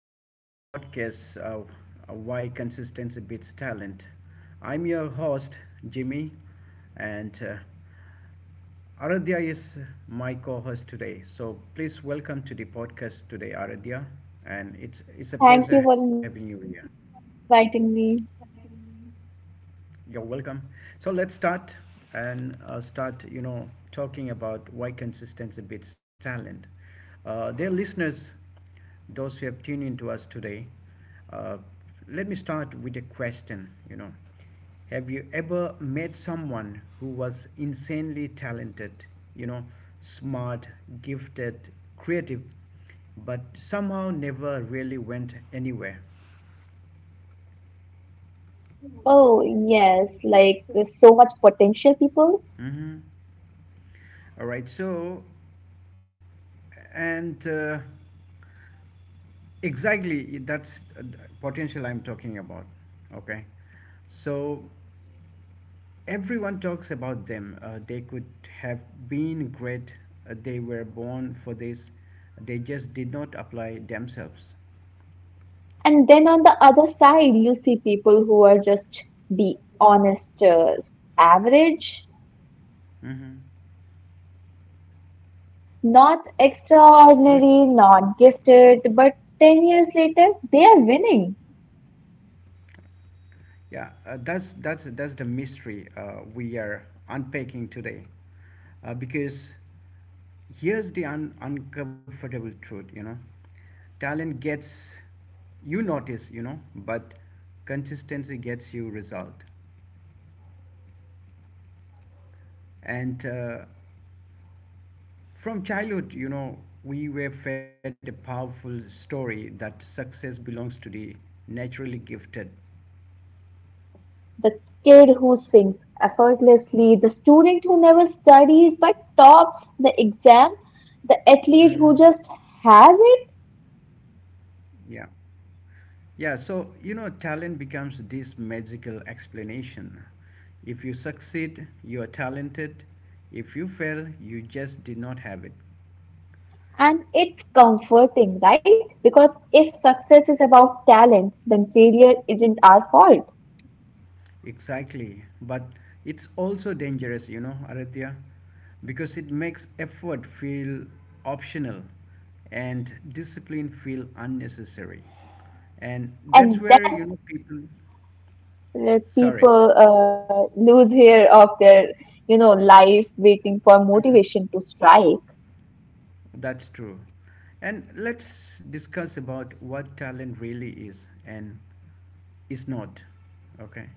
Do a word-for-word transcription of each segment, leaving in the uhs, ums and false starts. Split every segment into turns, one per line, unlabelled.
to today's podcast, uh, uh, Why Consistency Beats Talent. I'm your host, Jimmy, and uh, Aradhya is my co-host today. So please welcome to the podcast today, Aradhya, and it's it's a pleasure having you here.
Thank you for inviting me.
You're welcome. So let's start and uh, start, you know, talking about why consistency beats talent. Uh, dear listeners, those who have tuned in to us today, uh, let me start with a question. You know, have you ever met someone who was insanely talented, you know, smart, gifted, creative, but somehow never really went anywhere?
Oh, yes, like so much potential people.
Mm-hmm. All right. So, and uh, Exactly, that's the potential I'm talking about. Okay. So, everyone talks about them. Uh, they could have been great. Uh, they were born for this. They just did not apply themselves.
And then on the other side, you see people who are just be honest, uh, average,
Hmm.
not
Not.
extraordinary, not gifted, but 10 years later, they are winning.
Yeah, uh, that's that's that's the mystery uh, we are unpacking today, uh, because here's the un- uncomfortable truth. You know, talent gets you notice. You know, but consistency gets you result. And uh, from childhood, you know, we were fed a powerful story that success belongs to the naturally gifted.
The kid who sings effortlessly, the student who never studies but tops the exam, the athlete who
Hmm.
just has.
Yeah. Yeah, so you know, talent becomes this magical explanation. If you succeed, you are talented. If you fail, you just did not have it.
And it's comforting, right? Because if success is about talent, then failure isn't our fault.
Exactly. But it's also dangerous, you know, Aradhya, because it makes effort feel optional and discipline feel unnecessary. And that's
And
where, you
that's
know, people.
where
Sorry.
people uh, lose hair of their, you know, life waiting for
Mhm.
motivation to strike.
That's true. And let's discuss about what talent really is and is not. Okay.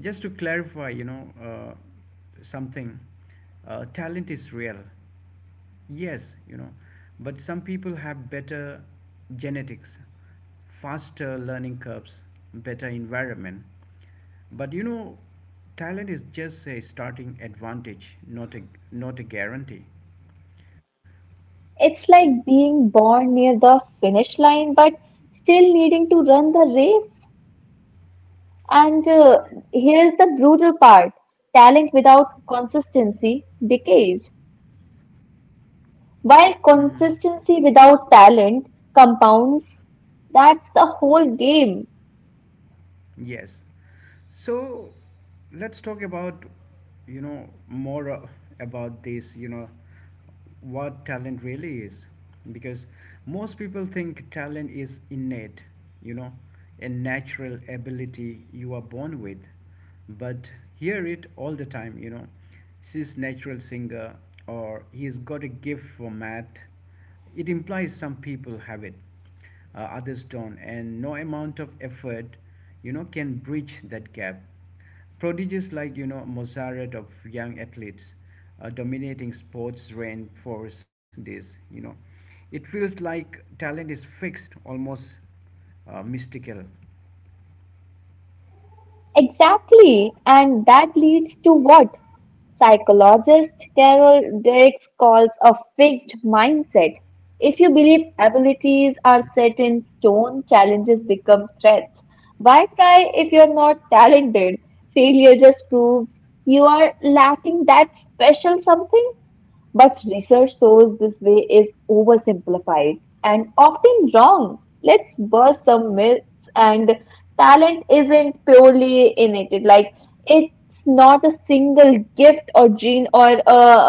Just to clarify, you know, uh, something, uh, talent is real. Yes, you know, but some people have better genetics, faster learning curves, better environment. But you know, talent is just a starting advantage, not a not a guarantee.
It's like being born near the finish line, but still needing to run the race. And uh, Here's the brutal part: talent without consistency decays, while
Hmm.
consistency without talent compounds. That's the whole game.
Yes. So let's talk about, you know, more uh, about this, you know, what talent really is. Because most people think talent is innate, you know, a natural ability you are born with. But hear it all the time, you know, she's natural singer or he's got a gift for math. It implies some people have it, uh, others don't, and no amount of effort you know can bridge that gap. Prodigies like you know mozart of young athletes uh, dominating sports reinforce this, you know, it feels like talent is fixed, almost uh, mystical.
Exactly. And that leads to what psychologist Carol Dweck calls a fixed mindset. If you believe abilities are set in stone, challenges become threats. Why try if you're not talented? Failure just proves you are lacking that special something. But research shows this way is oversimplified and often wrong. Let's burst some myths. And talent isn't purely innate. Like, it's not a single gift or gene or a,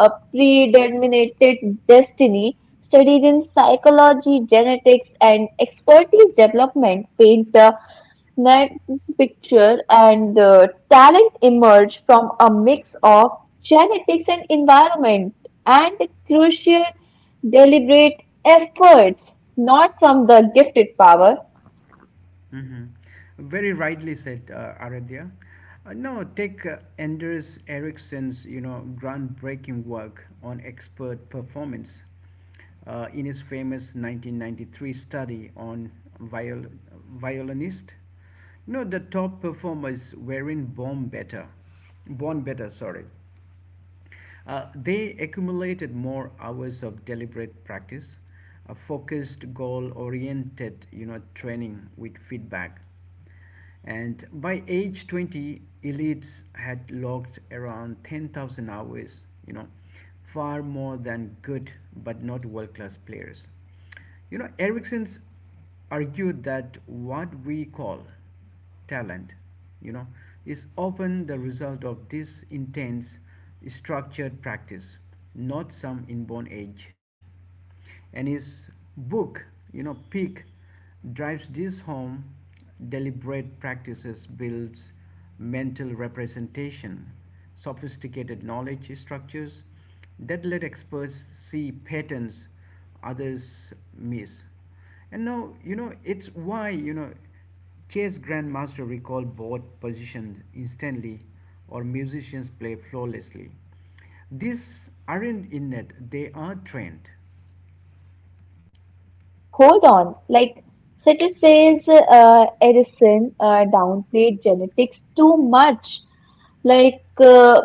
a predeterminated destiny. Studies in psychology, genetics, and expertise development paint the next picture. And uh, Talent emerge from a mix of genetics and environment and crucial deliberate efforts, not from the gifted power.
Mhm. Very rightly said, uh, Aradhya. Uh, no, take uh, Anders Ericsson's, you know, groundbreaking work on expert performance. Uh, in his famous nineteen ninety-three study on viol- violinist, you know the top performers were in born better, born better. Sorry, uh, they accumulated more hours of deliberate practice, a focused, goal oriented, you know, training with feedback. And by age twenty, elites had logged around ten thousand hours, you know, far more than good but not world class players. You know, Erickson's argued that what we call talent, you know, is often the result of this intense structured practice, not some inborn edge. And his book, you know, Peak, drives this home. Deliberate practices builds mental representation, sophisticated knowledge structures that let experts see patterns others miss. And now you know it's why you know Chess grandmasters recall board positions instantly or musicians play flawlessly. These aren't innate, they are trained.
But hold on, like Setter says, uh, Edison uh, downplayed genetics too much. Like, uh,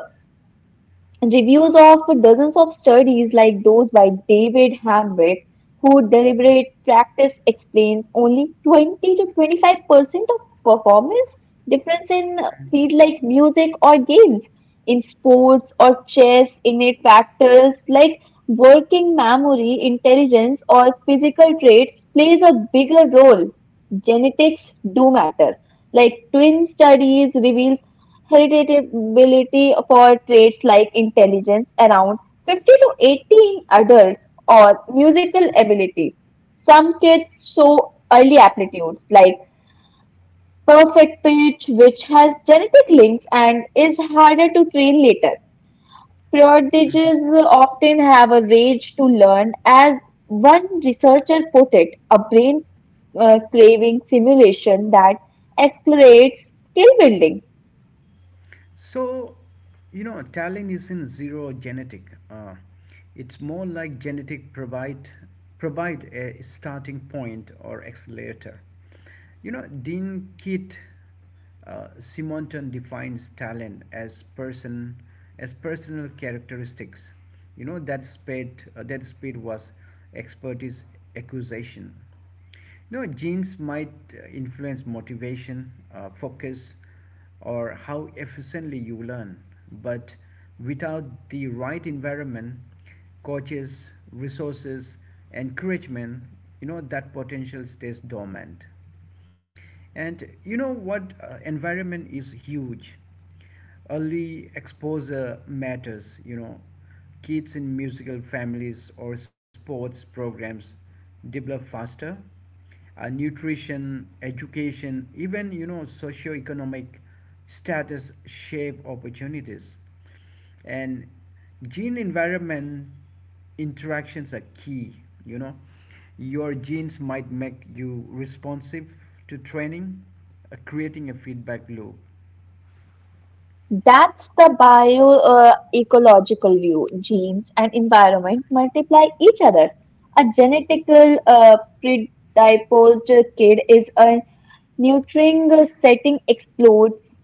reviews of dozens of studies like those by David Hamrick, who deliberate practice explains only twenty to twenty-five percent of performance difference in field like music or games. In sports or chess, innate factors like working memory, intelligence, or physical traits plays a bigger role. Genetics do matter. Like twin studies reveals heritability for traits like intelligence around fifty to eighty in adults or musical ability. Some kids show early aptitudes like perfect pitch, which has genetic links and is harder to train later. Prodigies often have a rage to learn, as one researcher put it, a brain uh, craving simulation that accelerates skill building.
So, you know, talent isn't zero genetic. Uh, it's more like genetic provide provide a starting point or accelerator. You know, Dean Kit uh, Simonton defines talent as person as personal characteristics. You know that speed uh, that speed was expertise acquisition. You know, genes might uh, influence motivation, uh, focus, or how efficiently you learn, but without the right environment, coaches, resources, encouragement, you know, that potential stays dormant. And you know what? Uh, environment is huge. Early exposure matters, you know. Kids in musical families or sports programs develop faster. Uh, nutrition, education, even you know, socioeconomic status shape opportunities, and gene environment interactions are key, you know, your genes might make you responsive to training, uh, creating a feedback loop.
That's the bio-ecological view. Genes and environment multiply each other. A genetical uh, predisposed kid is a nurturing uh, setting explodes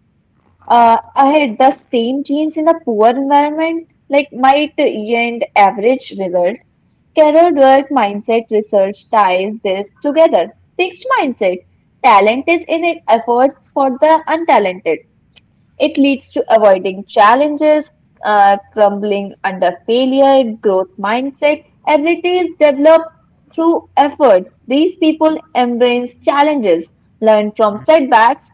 uh, ahead. The same genes in a poor environment like might yield average result. Carol Dweck mindset research ties this together. Fixed mindset. Talent is in it efforts for the untalented. It leads to avoiding challenges, uh, crumbling under failure. Growth mindset, abilities developed through efforts. These people embrace challenges, learn from
Hmm.
setbacks,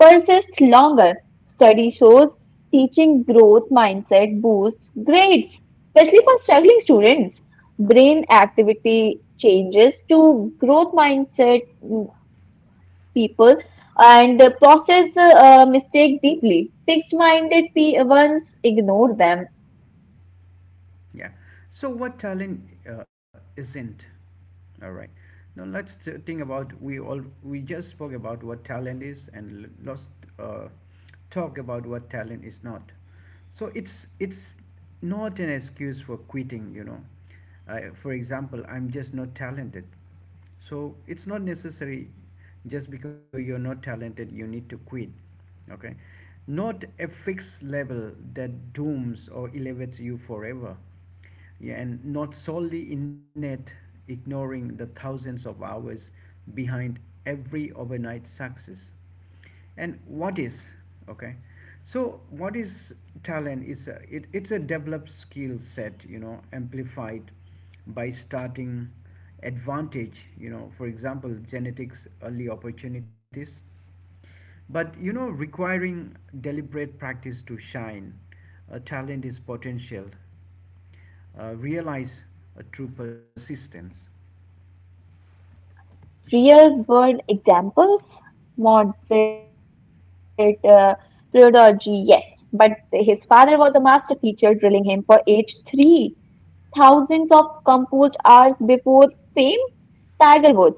persist longer. Study shows teaching growth mindset boosts grades, especially for struggling students. Brain activity changes to growth mindset people and uh, process uh, uh, mistake deeply. Fixed minded pe- ones ignore them.
Yeah. So what talent uh, isn't? All right. Now let's t- think about, we all we just spoke about what talent is, and l- let's uh, talk about what talent is not. So it's it's not an excuse for quitting. You know, uh, for example, I'm just not talented, so it's not necessary just because you're not talented you need to quit. Okay, not a fixed level that dooms or elevates you forever. Yeah, and not solely innate, ignoring the thousands of hours behind every overnight success. And what is, okay, so what is talent? Is a, it, it's a developed skill set, you know, amplified by starting advantage, you know, for example genetics, early opportunities, but you know requiring deliberate practice to shine. A talent is potential uh, realize a true persistence.
Real world examples? Maud said, uh, pedagogy, yes. But his father was a master teacher, drilling him for age three. Thousands of composed hours before fame. Tiger Woods,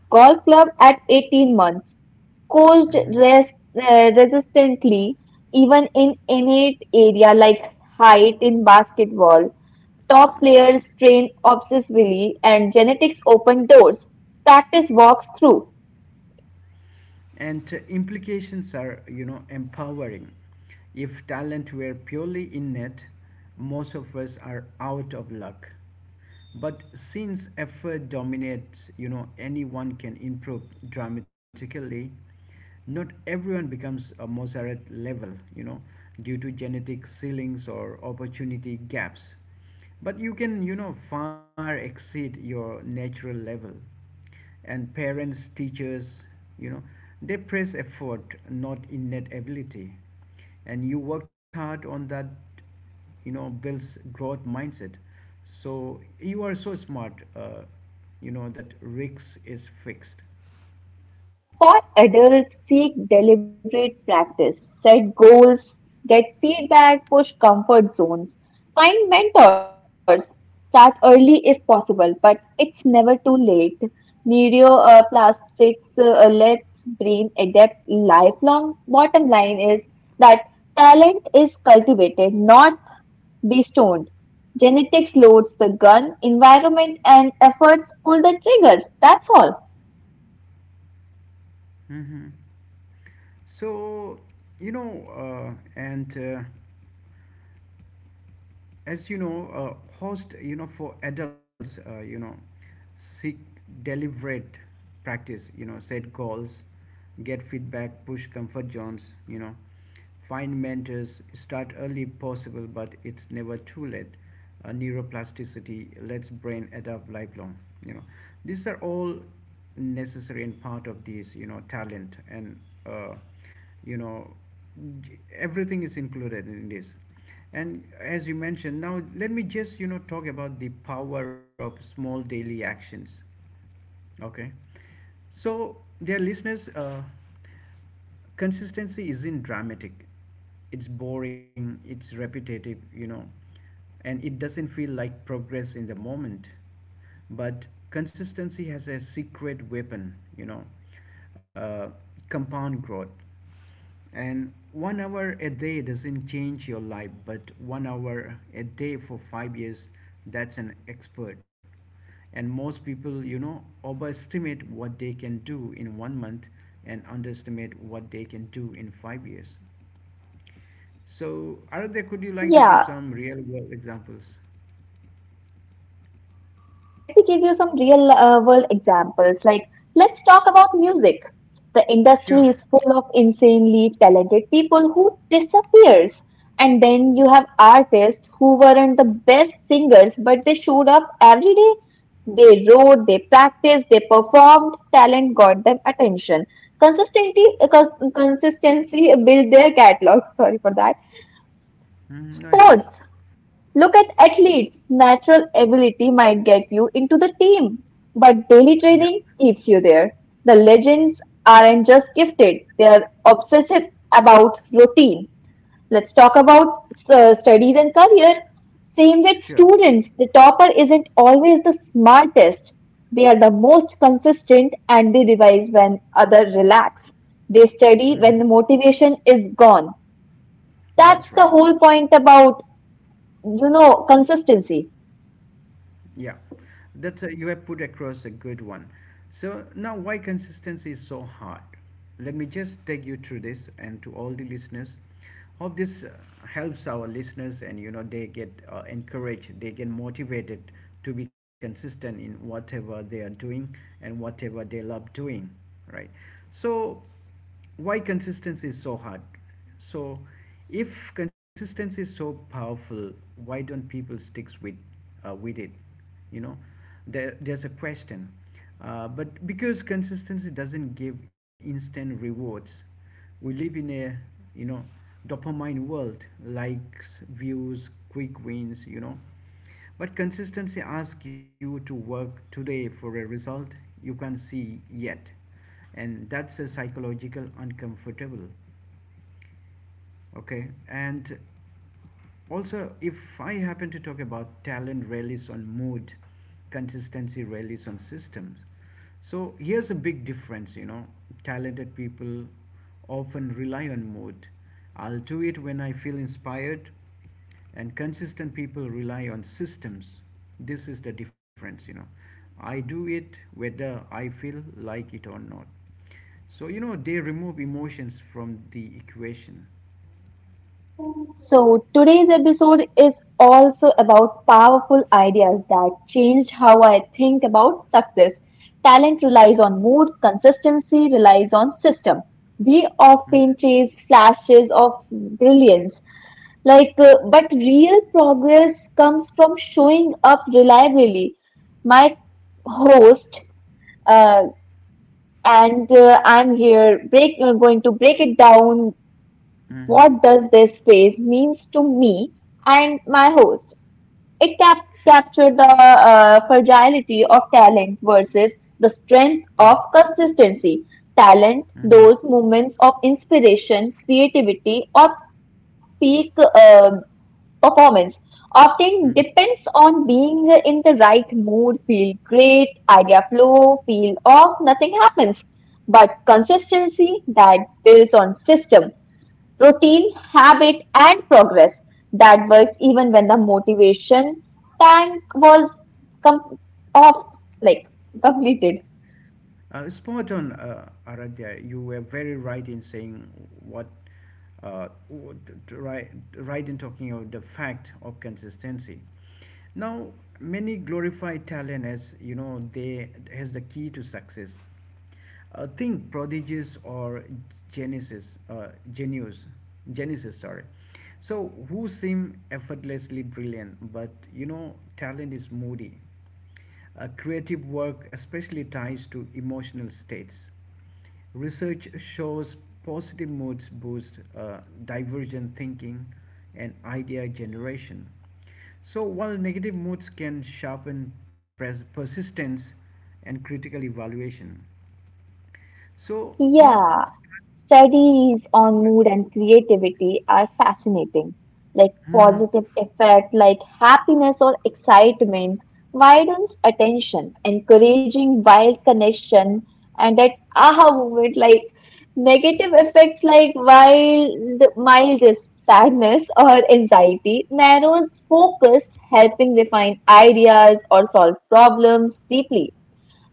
golf club at 18 months. Coast
Mhm.
rest, uh, resistantly, even in innate area like height in basketball. Top players train obsessively, and genetics open doors. Practice walks through.
And uh, implications are, you know, empowering. If talent were purely innate, most of us are out of luck, but since effort dominates, you know, anyone can improve dramatically. Not everyone becomes a mozart level, you know, due to genetic ceilings or opportunity gaps, but you can, you know, far exceed your natural level. And parents, teachers, you know, they praise effort, not innate ability. And you worked hard on that, you know, builds growth mindset. So you are so smart, uh, you know, that risk is fixed.
For adults seek deliberate practice, set goals, get feedback, push comfort zones, find mentors, start early if possible, but it's never too late. Neuroplastics uh, lets brain adapt lifelong. Bottom line is that talent is cultivated, not bestoned. Genetics loads the gun, environment and efforts pull the trigger. That's all.
Hmm. So, you know, uh, and uh, as you know, uh, host, you know, for adults, uh, you know, seek deliberate practice, you know, set goals, get feedback, push comfort zones, you know, find mentors, start early if possible, but it's never too late. Uh, neuroplasticity lets brain adapt lifelong. You know, these are all necessary and part of these. You know, talent and uh, you know everything is included in this. And as you mentioned, now let me just you know talk about the power of small daily actions. Okay. So, dear listeners, uh, consistency isn't dramatic. It's boring, it's repetitive, you know, and it doesn't feel like progress in the moment. But consistency has a secret weapon, you know, uh, compound growth. And one hour a day doesn't change your life, but one hour a day for five years, that's an expert. And most people, you know, overestimate what they can do in one month and underestimate what they can do in five years. So, Aradhya, could you like to
Yeah,
give some real world examples?
Yeah, let me give you some real uh, world examples. Like, let's talk about music. The industry is
Sure.
full of insanely talented people who disappears. And then you have artists who weren't the best singers, but they showed up every day. They wrote, they practiced, they performed. Talent got them attention. Consistency, uh, cons- consistency built their catalog. Sorry for that.
Mhm, no
Sports.
issues.
Look at athletes, natural ability might get you into the team, but daily training
Yeah,
keeps you there. The legends aren't just gifted, they are obsessive about routine. Let's talk about uh, studies and career. Same with
sure.
students, the topper isn't always the smartest. They are the most consistent and they revise when others relax. They study when
Mhm.
the motivation is gone.
That's
That's the
right.
whole point about, you know, consistency.
Yeah, that uh, you have put across a good one. So now, why consistency is so hard? Let me just take you through this, and to all the listeners, hope this uh, helps our listeners, and you know they get uh, encouraged, they get motivated to be consistent in whatever they are doing and whatever they love doing, right? So why consistency is so hard? So if consistency is so powerful, why don't people sticks with uh, with it, you know, there, there's a question, uh, but because consistency doesn't give instant rewards. We live in a, you know, dopamine world, likes views quick wins, you know, but consistency asks you to work today for a result you can't see yet, and that's a psychological uncomfortable. Okay, and also, if I happen to talk about, talent relies on mood, consistency relies on systems. So here's a big difference, you know. Talented people often rely on mood. I'll do it when I feel inspired, and consistent people rely on systems. This is the difference, you know. I do it whether I feel like it or not. So, you know, they remove emotions from the equation.
So, today's episode is also about powerful ideas that changed how I think about success. Talent relies on mood, consistency relies on system. We often chase flashes of brilliance, like, uh, but real progress comes from showing up reliably. My host, uh, and uh, I'm here break, uh, going to break it down
Mm-mm.
what does this phrase means to me and my host. It cap-
Sure.
captured the uh, fragility of talent versus the strength of
Mhm.
consistency. Talent, those moments of inspiration, creativity, or peak uh, performance, often
Mm.
depends on being in the right mood, feel great, idea flow, feel off, nothing happens. But consistency that builds on system routine, habit, and progress that works even when the motivation tank was com- off, like completed.
Uh, spot on, uh, Aradhya. You were very right in saying what, uh, what right, right in talking about the fact of consistency. Now, many glorify talent as you know they as the key to success. Uh, think prodigies or genesis, uh, genius, genesis. Sorry. So who seem effortlessly brilliant, but you know talent is moody. Uh, creative work especially ties to emotional states. Research shows positive moods boost uh, divergent thinking and idea generation. So, while negative moods can sharpen pres- persistence and critical evaluation. So, you know,
Yeah,
start-
studies on mood and creativity are fascinating. Like
Mhm.
positive effect, like happiness or excitement, widens attention, encouraging wild connection, and that aha moment. Like negative effects, like wild, mild sadness or anxiety, narrows focus, helping refine ideas or solve problems deeply.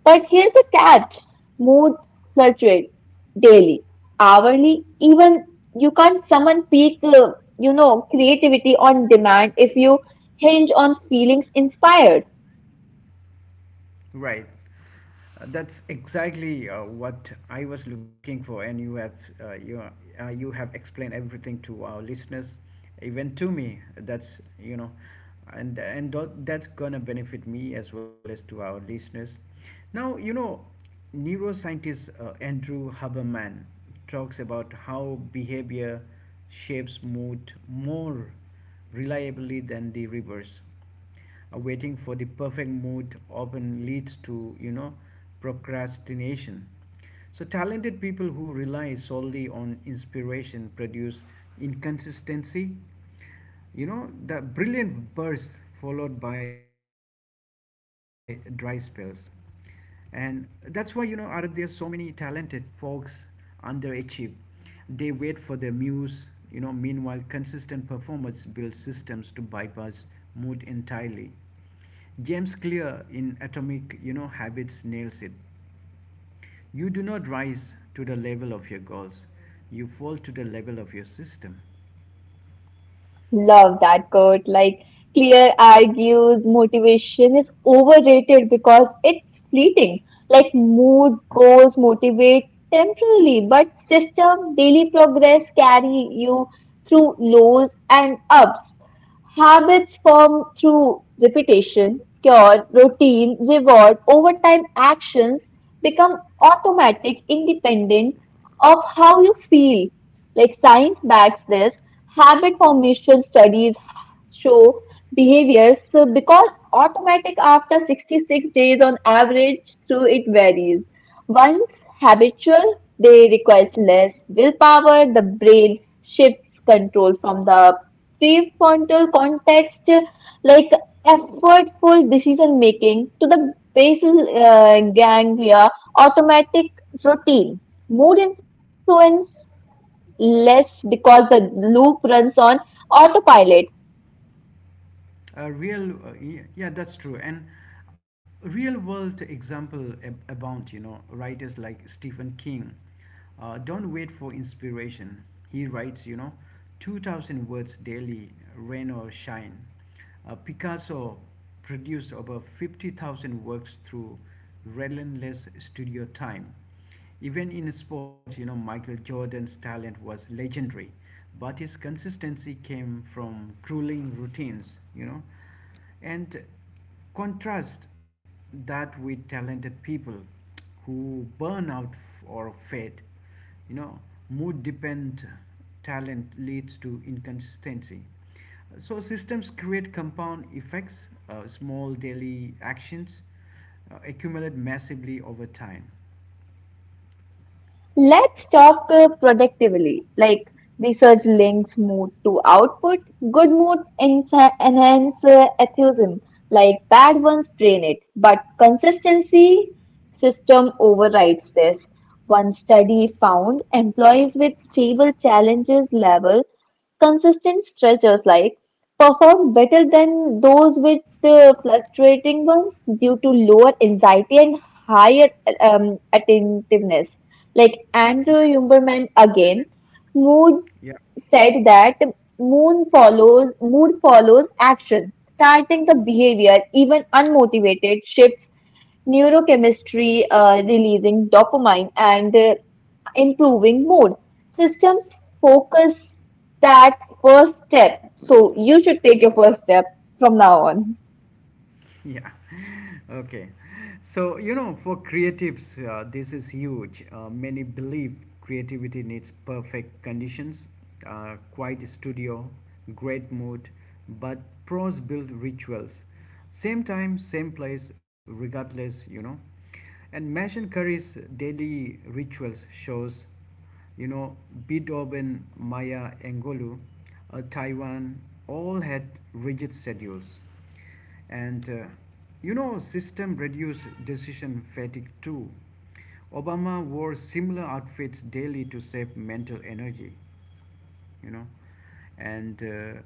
But here's the catch, mood fluctuate daily, hourly, even. You can't summon peak, uh, you know, creativity on demand if you hinge on feelings inspired.
Right. Uh, that's exactly uh, what I was looking for, and you have uh, you uh, you have explained everything to our listeners, even to me. That's you know, and and tho- that's gonna benefit me as well as to our listeners. Now you know, neuroscientist uh, Andrew Haberman talks about how behavior shapes mood more reliably than the reverse. Uh, waiting for the perfect mood often leads to, you know, procrastination. So, talented people who rely solely on inspiration produce inconsistency. You know, the brilliant bursts followed by dry spells, and that's why you know are there so many talented folks underachieve. They wait for their muse, you know meanwhile consistent performance builds systems to bypass mood entirely. James Clear in Atomic you know Habits nails it: you do not rise to the level of your goals, you fall to the level of your system.
Love that quote. Like, Clear argues motivation is overrated because it's fleeting. Like, mood goals motivate temporarily, but system daily progress carry you through lows and ups. Habits form through repetition, cure, routine, reward, overtime actions become automatic, independent of how you feel. Like, science backs this. Habit formation studies show behaviors so because automatic after 66 days on average through it varies. Once habitual, they requires less willpower. The brain shifts control from the prefrontal context, like effortful decision making, to the basal uh, ganglia, automatic routine. Mood influence less because the loop runs on autopilot.
A real uh, y- yeah, that's true. And real world example ab- abound. You know, writers like Stephen King uh, don't wait for inspiration. He writes, you know two thousand words daily, rain or shine. Uh, picasso produced over fifty thousand works through relentless studio time. Even in sports, you know, Michael Jordan's talent was legendary, but his consistency came from grueling routines, you know. And contrast that with talented people who burn out f- or fade. You know, mood dependent talent leads to inconsistency. So systems create compound effects. Uh, small daily actions uh, accumulate massively over time.
Let's talk uh, productively, like research links mood to output. Good moods ensa- enhance uh, enthusiasm, like bad ones drain it. But consistency system overrides this. One study found employees with stable challenges level consistent stretchers like perform better than those with uh, fluctuating ones due to lower anxiety and higher um, attentiveness. Like Andrew Huberman again, mood
Yeah,
said that moon follows mood follows action. Starting the behavior, even unmotivated, shifts neurochemistry, uh, releasing dopamine and uh, improving mood. Systems focus that first step. So you should take your first step from now on.
yeah. Okay, so you know, for creatives, uh, this is huge. Uh, many believe creativity needs perfect conditions, uh, quiet studio, great mood, but pros build rituals, same time, same place, regardless, you know. And Masion Curry's daily rituals shows, you know, Bidob and Maya Angelou, uh, Taiwan, all had rigid schedules. And uh, you know, system reduce decision fatigue too. Obama wore similar outfits daily to save mental energy, you know. And uh,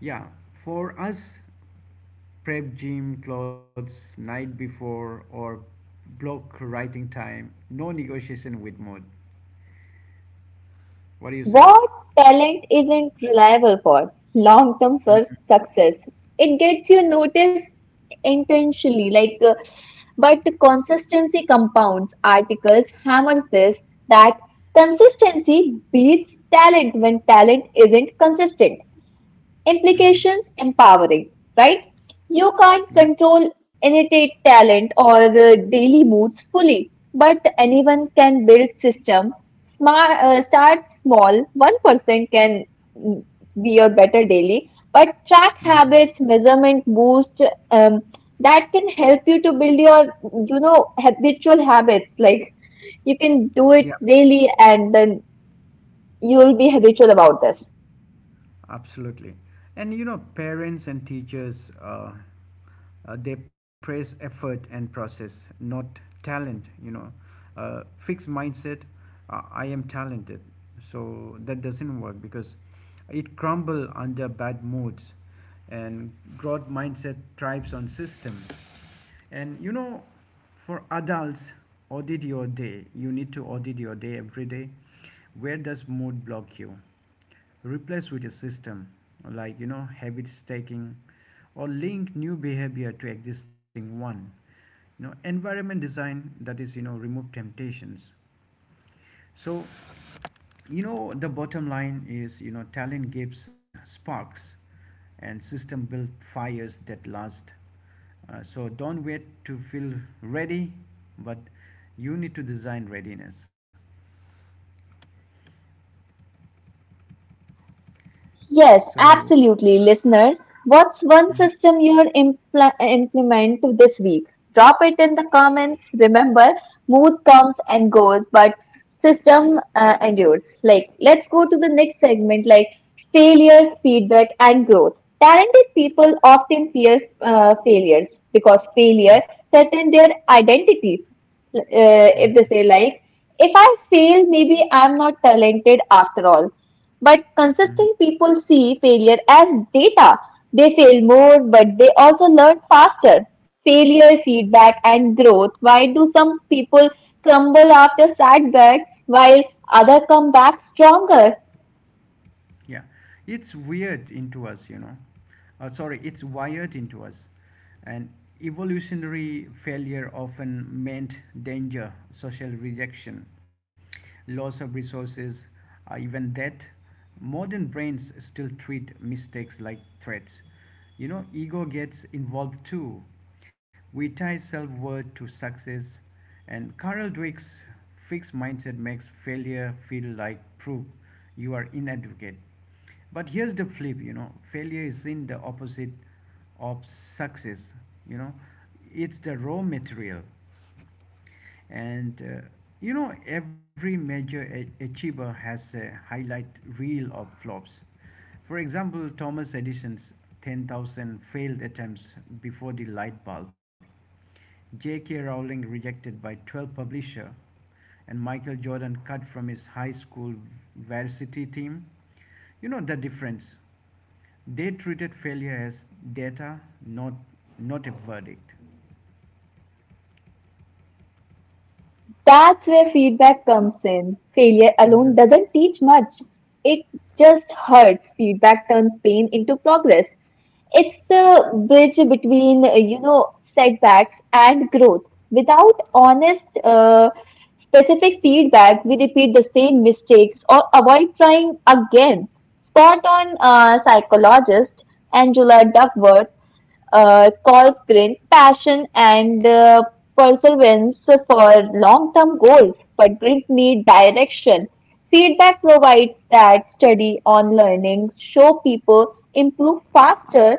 yeah, for us, prep gym clothes night before or block writing time, no negotiation with mood. What do you say?
What, talent isn't reliable for long term
Hmm.
success? It gets you noticed intentionally, like, uh, but the consistency compounds. Articles hammers this that consistency beats talent when talent isn't consistent.
Hmm.
Implications empowering, right? You can't
Yeah.
control innate talent or uh, daily moods fully, but anyone can build system. Smart, uh, start small. One person can mm, be your better daily, but track
Hmm.
habits, measurement, boost. Um, that can help you to build your, you know, habitual habits. Like, you can do it
Yeah.
daily, and then you will be habitual about this.
Absolutely. And you know, parents and teachers, uh, uh, they praise effort and process, not talent. You know, uh, fixed mindset, uh, I am talented. So that doesn't work because it crumble under bad moods, and growth mindset thrives on system. And you know, for adults, audit your day. You need to audit your day every day. Where does mood block you? Replace with a system, like you know, habit stacking or link new behavior to existing one. You know, environment design, that is, you know, remove temptations. So you know, the bottom line is, you know, talent gives sparks and system build fires that last. Uh, so don't wait to feel ready, but you need to design readiness.
Yes,
So
absolutely. Listeners, what's one
mhm,
system you'll impl- implement this week? Drop it in the comments. Remember, mood comes and goes, but system uh, endures. Like, let's go to the next segment, like failures, feedback, and growth. Talented people often fear uh, failures because
mhm,
failure threatens their identity. Uh, if they say like, if I fail, maybe I'm not talented after all. But
mhm.
consistent people see failure as data. They fail more, but they also learn faster. Failure, feedback, and growth. Why do some people crumble after setbacks while others come back stronger?
Yeah, it's weird into us, you know. Uh, sorry, it's wired into us. And evolutionary failure often meant danger, social rejection, loss of resources, uh, even death. Modern brains still treat mistakes like threats. You know, ego gets involved too. We tie self worth to success, and Carol Dweck's fixed mindset makes failure feel like proof you are inadequate. But here's the flip, you know, failure isn't the opposite of success, you know, it's the raw material. And, uh, you know, every major a- achiever has a highlight reel of flops. For example, Thomas Edison's ten thousand failed attempts before the light bulb, J K. Rowling rejected by twelve publisher, and Michael Jordan cut from his high school varsity team. You know the difference. They treated failure as data, not not a verdict.
That's where feedback comes in. Failure alone
Mhm.
doesn't teach much. It just hurts. Feedback turns pain into progress. It's the bridge between, uh, you know, setbacks and growth. Without honest, uh, specific feedback, we repeat the same mistakes or avoid trying again. Spot on, uh, psychologist Angela Duckworth uh, calls grit, passion, and uh, perseverance for long-term goals, but grit need direction. Feedback provides that study on learning show people improve faster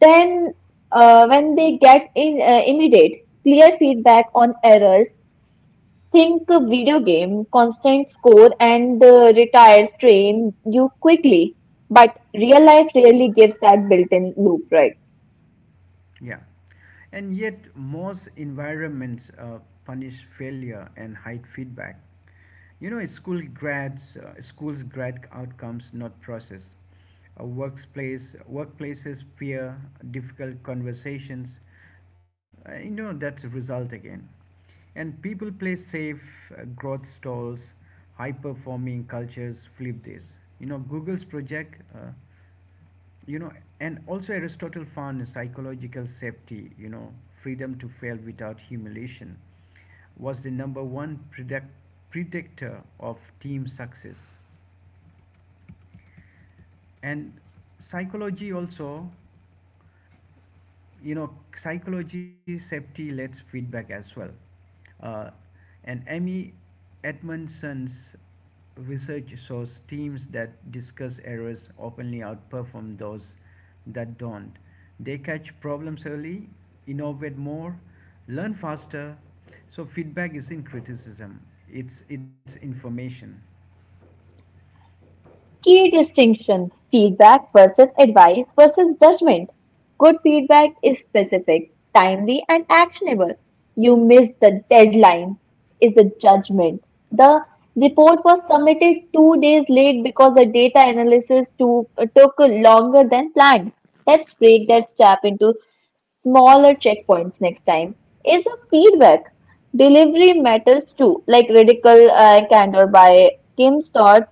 then, uh, when they get in, uh, immediate, clear feedback on errors, think video game, constant score, and uh, retires train you quickly. But real life really gives that built in loop, right?
Yeah, and yet most environments uh, punish failure and hide feedback. You know, school grads, uh, schools grad outcomes, not process. Uh, workplace, workplaces fear difficult conversations. Uh, you know, that's a result again. And people play safe, uh, growth stalls. High performing cultures flip this. You know, Google's project. Uh, you know, and also Aristotle found psychological safety, you know, freedom to fail without humiliation, was the number one predict- predictor of team success. And psychology also, you know, psychology safety lets feedback as well. uh, and Amy Edmondson's research shows teams that discuss errors openly outperform those that don't. They catch problems early, innovate more, learn faster. So feedback isn't criticism, it's it's information.
Key distinction, feedback versus advice versus judgment. Good feedback is specific, timely, and actionable. You missed the deadline, is the judgment. The report was submitted two days late because the data analysis to, uh, took longer than planned. Let's break that step into smaller checkpoints next time is a feedback. Delivery matters too, like Radical uh, Candor by Kim Storr.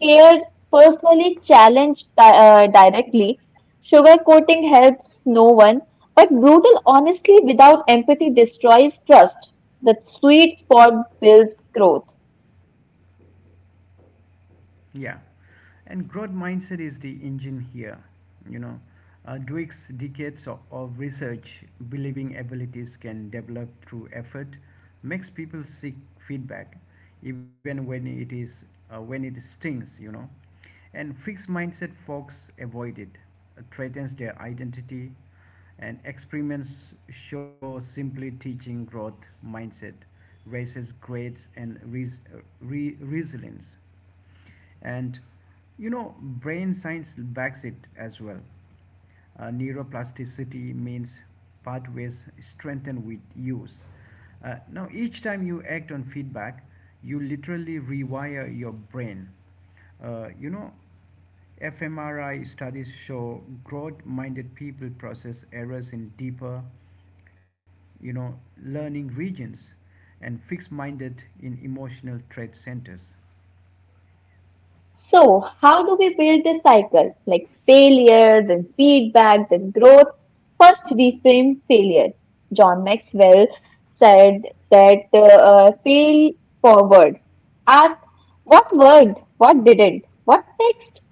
Care personally challenged di- uh, directly. Sugarcoating helps no one, but brutal honesty without empathy destroys trust. The sweet spot builds growth.
Yeah, and growth mindset is the engine here. You know, uh, Dweck's decades of, of research, believing abilities can develop through effort, makes people seek feedback, even when it is uh, when it stings. You know, and fixed mindset folks avoid it, uh, threatens their identity, and experiments show simply teaching growth mindset raises grades and res- uh, re- resilience. And you know, brain science backs it as well. Uh, neuroplasticity means pathways strengthen with use. Uh, now, each time you act on feedback, you literally rewire your brain. Uh, you know, fMRI studies show growth minded people process errors in deeper, you know, learning regions, and fixed minded in emotional threat centers.
So, how do we build this cycle? Like, failure, then feedback, then growth. First, reframe failure. John Maxwell said that uh, uh, fail forward. Ask what worked, what didn't, what next.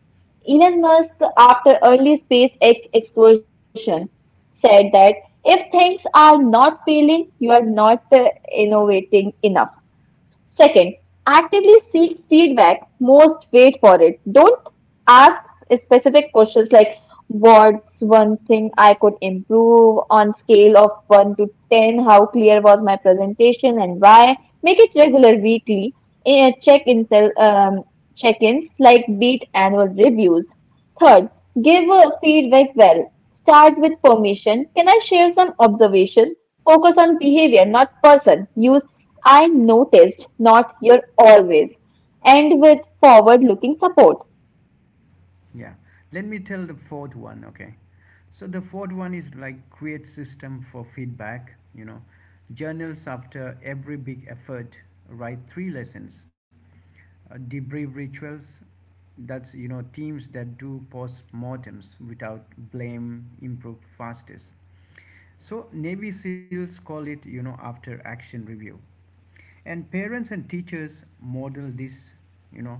Elon Musk, after early SpaceX explosion, said that if things are not failing, you are not uh, innovating enough. Second, actively seek feedback. Most wait for it. Don't ask specific questions like what's one thing I could improve on scale of one to ten, how clear was my presentation and why. Make it regular weekly eh, check-in, um, check-ins like beat annual reviews. Third, give a feedback well. Start with permission. Can I share some observation? Focus on behavior, not person. Use I noticed, not your always. End with forward looking support.
Yeah. Let me tell the fourth one, okay? So the fourth one is like create system for feedback, you know. Journals after every big effort, write three lessons. Uh, debrief rituals, that's, you know, teams that do post-mortems without blame improve fastest. So Navy SEALs call it, you know, after action review. And parents and teachers model this, you know,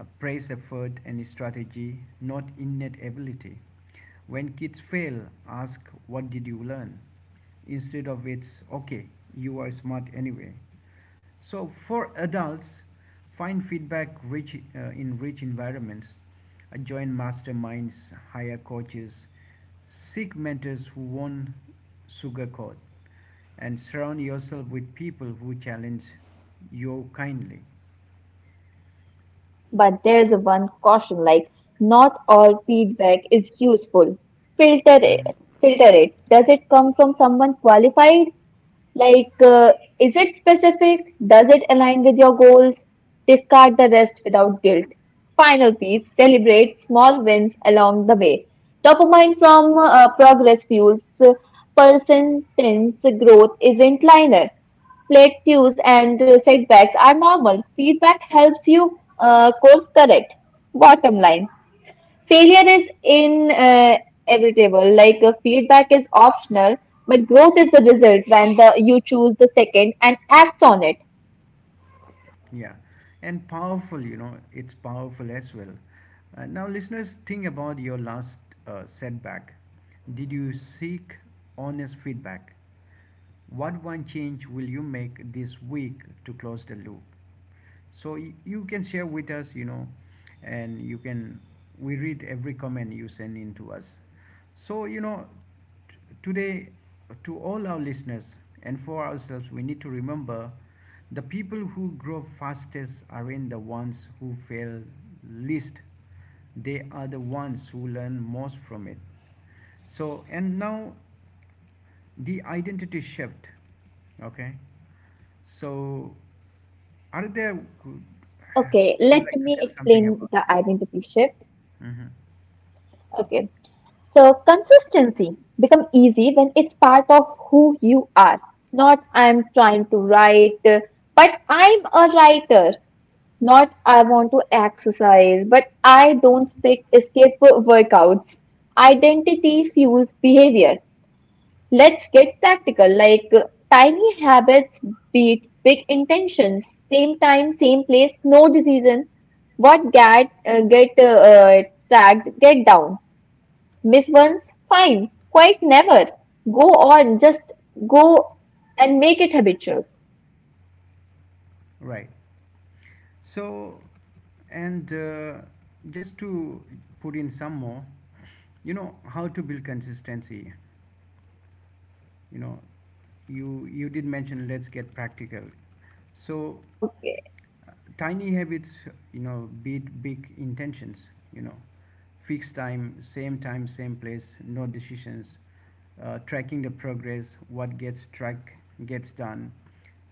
uh, praise effort and strategy, not innate ability. When kids fail, ask what did you learn instead of it's okay, you are smart anyway. So for adults, find feedback rich uh, in rich environments. Uh, join masterminds, hire coaches, seek mentors who won't sugarcoat, and surround yourself with people who challenge you kindly.
But there's one caution, like, not all feedback is useful. Filter it.
Mhm.
Filter it. Does it come from someone qualified? Like, uh, is it specific? Does it align with your goals? Discard the rest without guilt. Final piece, celebrate small wins along the way. Dopamine from uh, progress fuels uh, persistence. Growth isn't linear. Plateaus and uh, setbacks are normal. Feedback helps you uh, course correct. Bottom line, failure is inevitable, like uh, feedback is optional, but growth is the result when the you choose the second and acts on it.
Yeah, and powerful, you know, it's powerful as well. Uh, now, listeners, think about your last uh, setback. Did you seek honest feedback? What one change will you make this week to close the loop? So y- you can share with us, you know, and you can we read every comment you send in to us. So, you know, t- today, to all our listeners and for ourselves, we need to remember the people who grow fastest aren't the ones who fail least, they are the ones who learn most from it. So, and now the identity shift, okay? So, are there, would
Okay, let me
you like to tell
explain the
something about it?
identity shift.
Hmm.
Okay, so consistency become easy when it's part of who you are. Not I'm trying to write, uh, but I'm a writer. Not I want to exercise, but I don't speak escape workouts. Identity fuels behavior. Let's get practical, like uh, tiny habits beat big intentions. Same time, same place, no decision. What get uh, get uh, uh, tagged, get down. Miss once, fine. Quite never. Go on, just go and make it habitual.
Right. So, and uh, just to put in some more, you know how to build consistency. You know, you you did mention let's get practical. So
Okay.
tiny habits, you know, beat big intentions. You know, fixed time, same time, same place, no decisions. Uh, tracking the progress, what gets tracked gets done.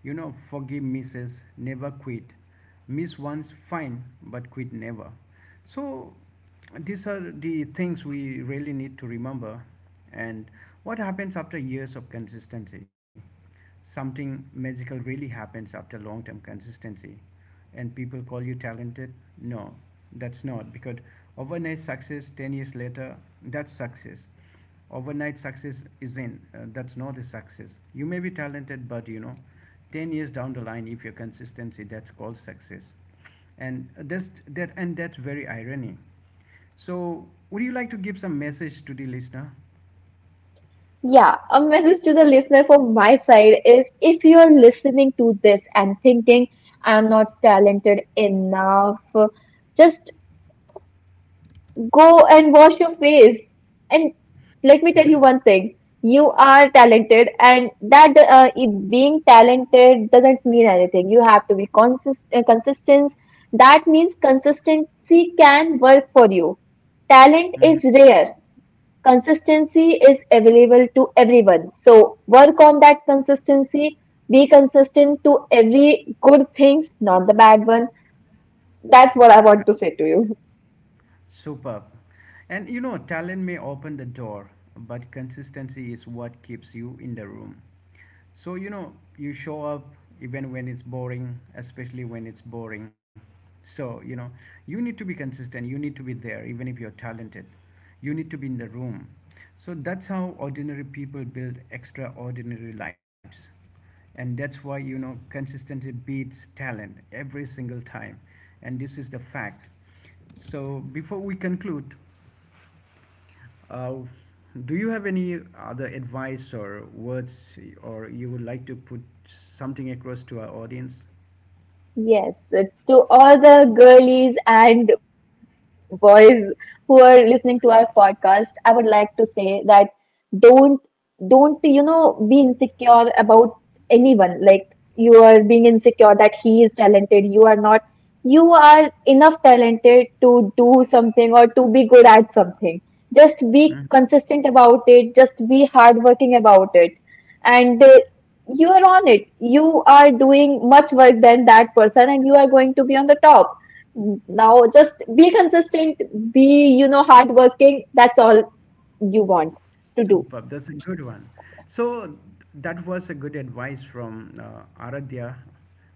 You know, forgive misses, never quit. Miss once fine, but quit never. So these are the things we really need to remember. And what happens after years of consistency? Something magical really happens after long term consistency, and people call you talented. No, that's not because overnight success ten years later, that's success. Overnight success is in, uh, that's not a success. You may be talented, but you know, ten years down the line, if your consistency, that's called success. And that's that, and that's very irony. So, would you like to give some message to the listener?
Yeah, a message to the listener from my side is if you're listening to this and thinking I'm not talented enough, just go and wash your face. And let me tell you one thing. You are talented, and that uh, if being talented doesn't mean anything. You have to be consist uh, consistent. That means consistency can work for you. Talent is
Hmm.
rare. Consistency is available to everyone. So work on that consistency. Be consistent to every good things, not the bad one. That's what I want to say to you.
Superb. And you know, talent may open the door, but consistency is what keeps you in the room. So, you know, you show up even when it's boring, especially when it's boring. So, you know, you need to be consistent. You need to be there, even if you're talented. You need to be in the room. So, that's how ordinary people build extraordinary lives. And that's why, you know, consistency beats talent every single time. And this is the fact. So before we conclude, uh, do you have any other advice or words or you would like to put something across to our audience?
Yes, uh, to all the girlies and boys who are listening to our podcast, I would like to say that don't don't you know be insecure about anyone. Like, you are being insecure that he is talented, you are not. You are enough talented to do something or to be good at something. Just be
Hmm?
consistent about it. Just be hardworking about it. And uh, you are on it. You are doing much work than that person, and you are going to be on the top. Now, just be consistent, be, you know, hardworking. That's all you want to do.
Superb. That's a good one. So that was a good advice from uh, Aradhya,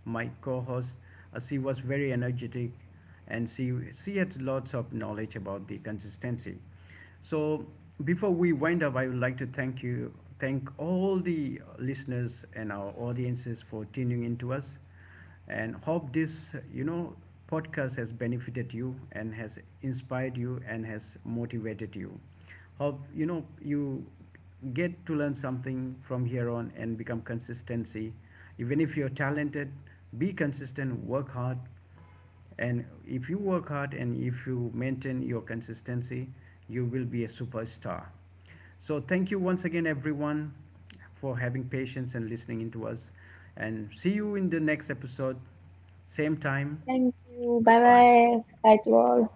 my co-host. Uh, she was very energetic, and she she had lots of knowledge about the consistency. So before we wind up, I would like to thank you, thank all the listeners and our audiences for tuning in to us, and hope this, you know, podcast has benefited you and has inspired you and has motivated you. Hope, you know, you get to learn something from here on and become consistency. Even if you're talented, be consistent, work hard. And if you work hard and if you maintain your consistency, you will be a superstar. So thank you once again, everyone, for having patience and listening into us. And see you in the next episode, same time.
Thank you. Bye
Goodbye.
bye. That's all.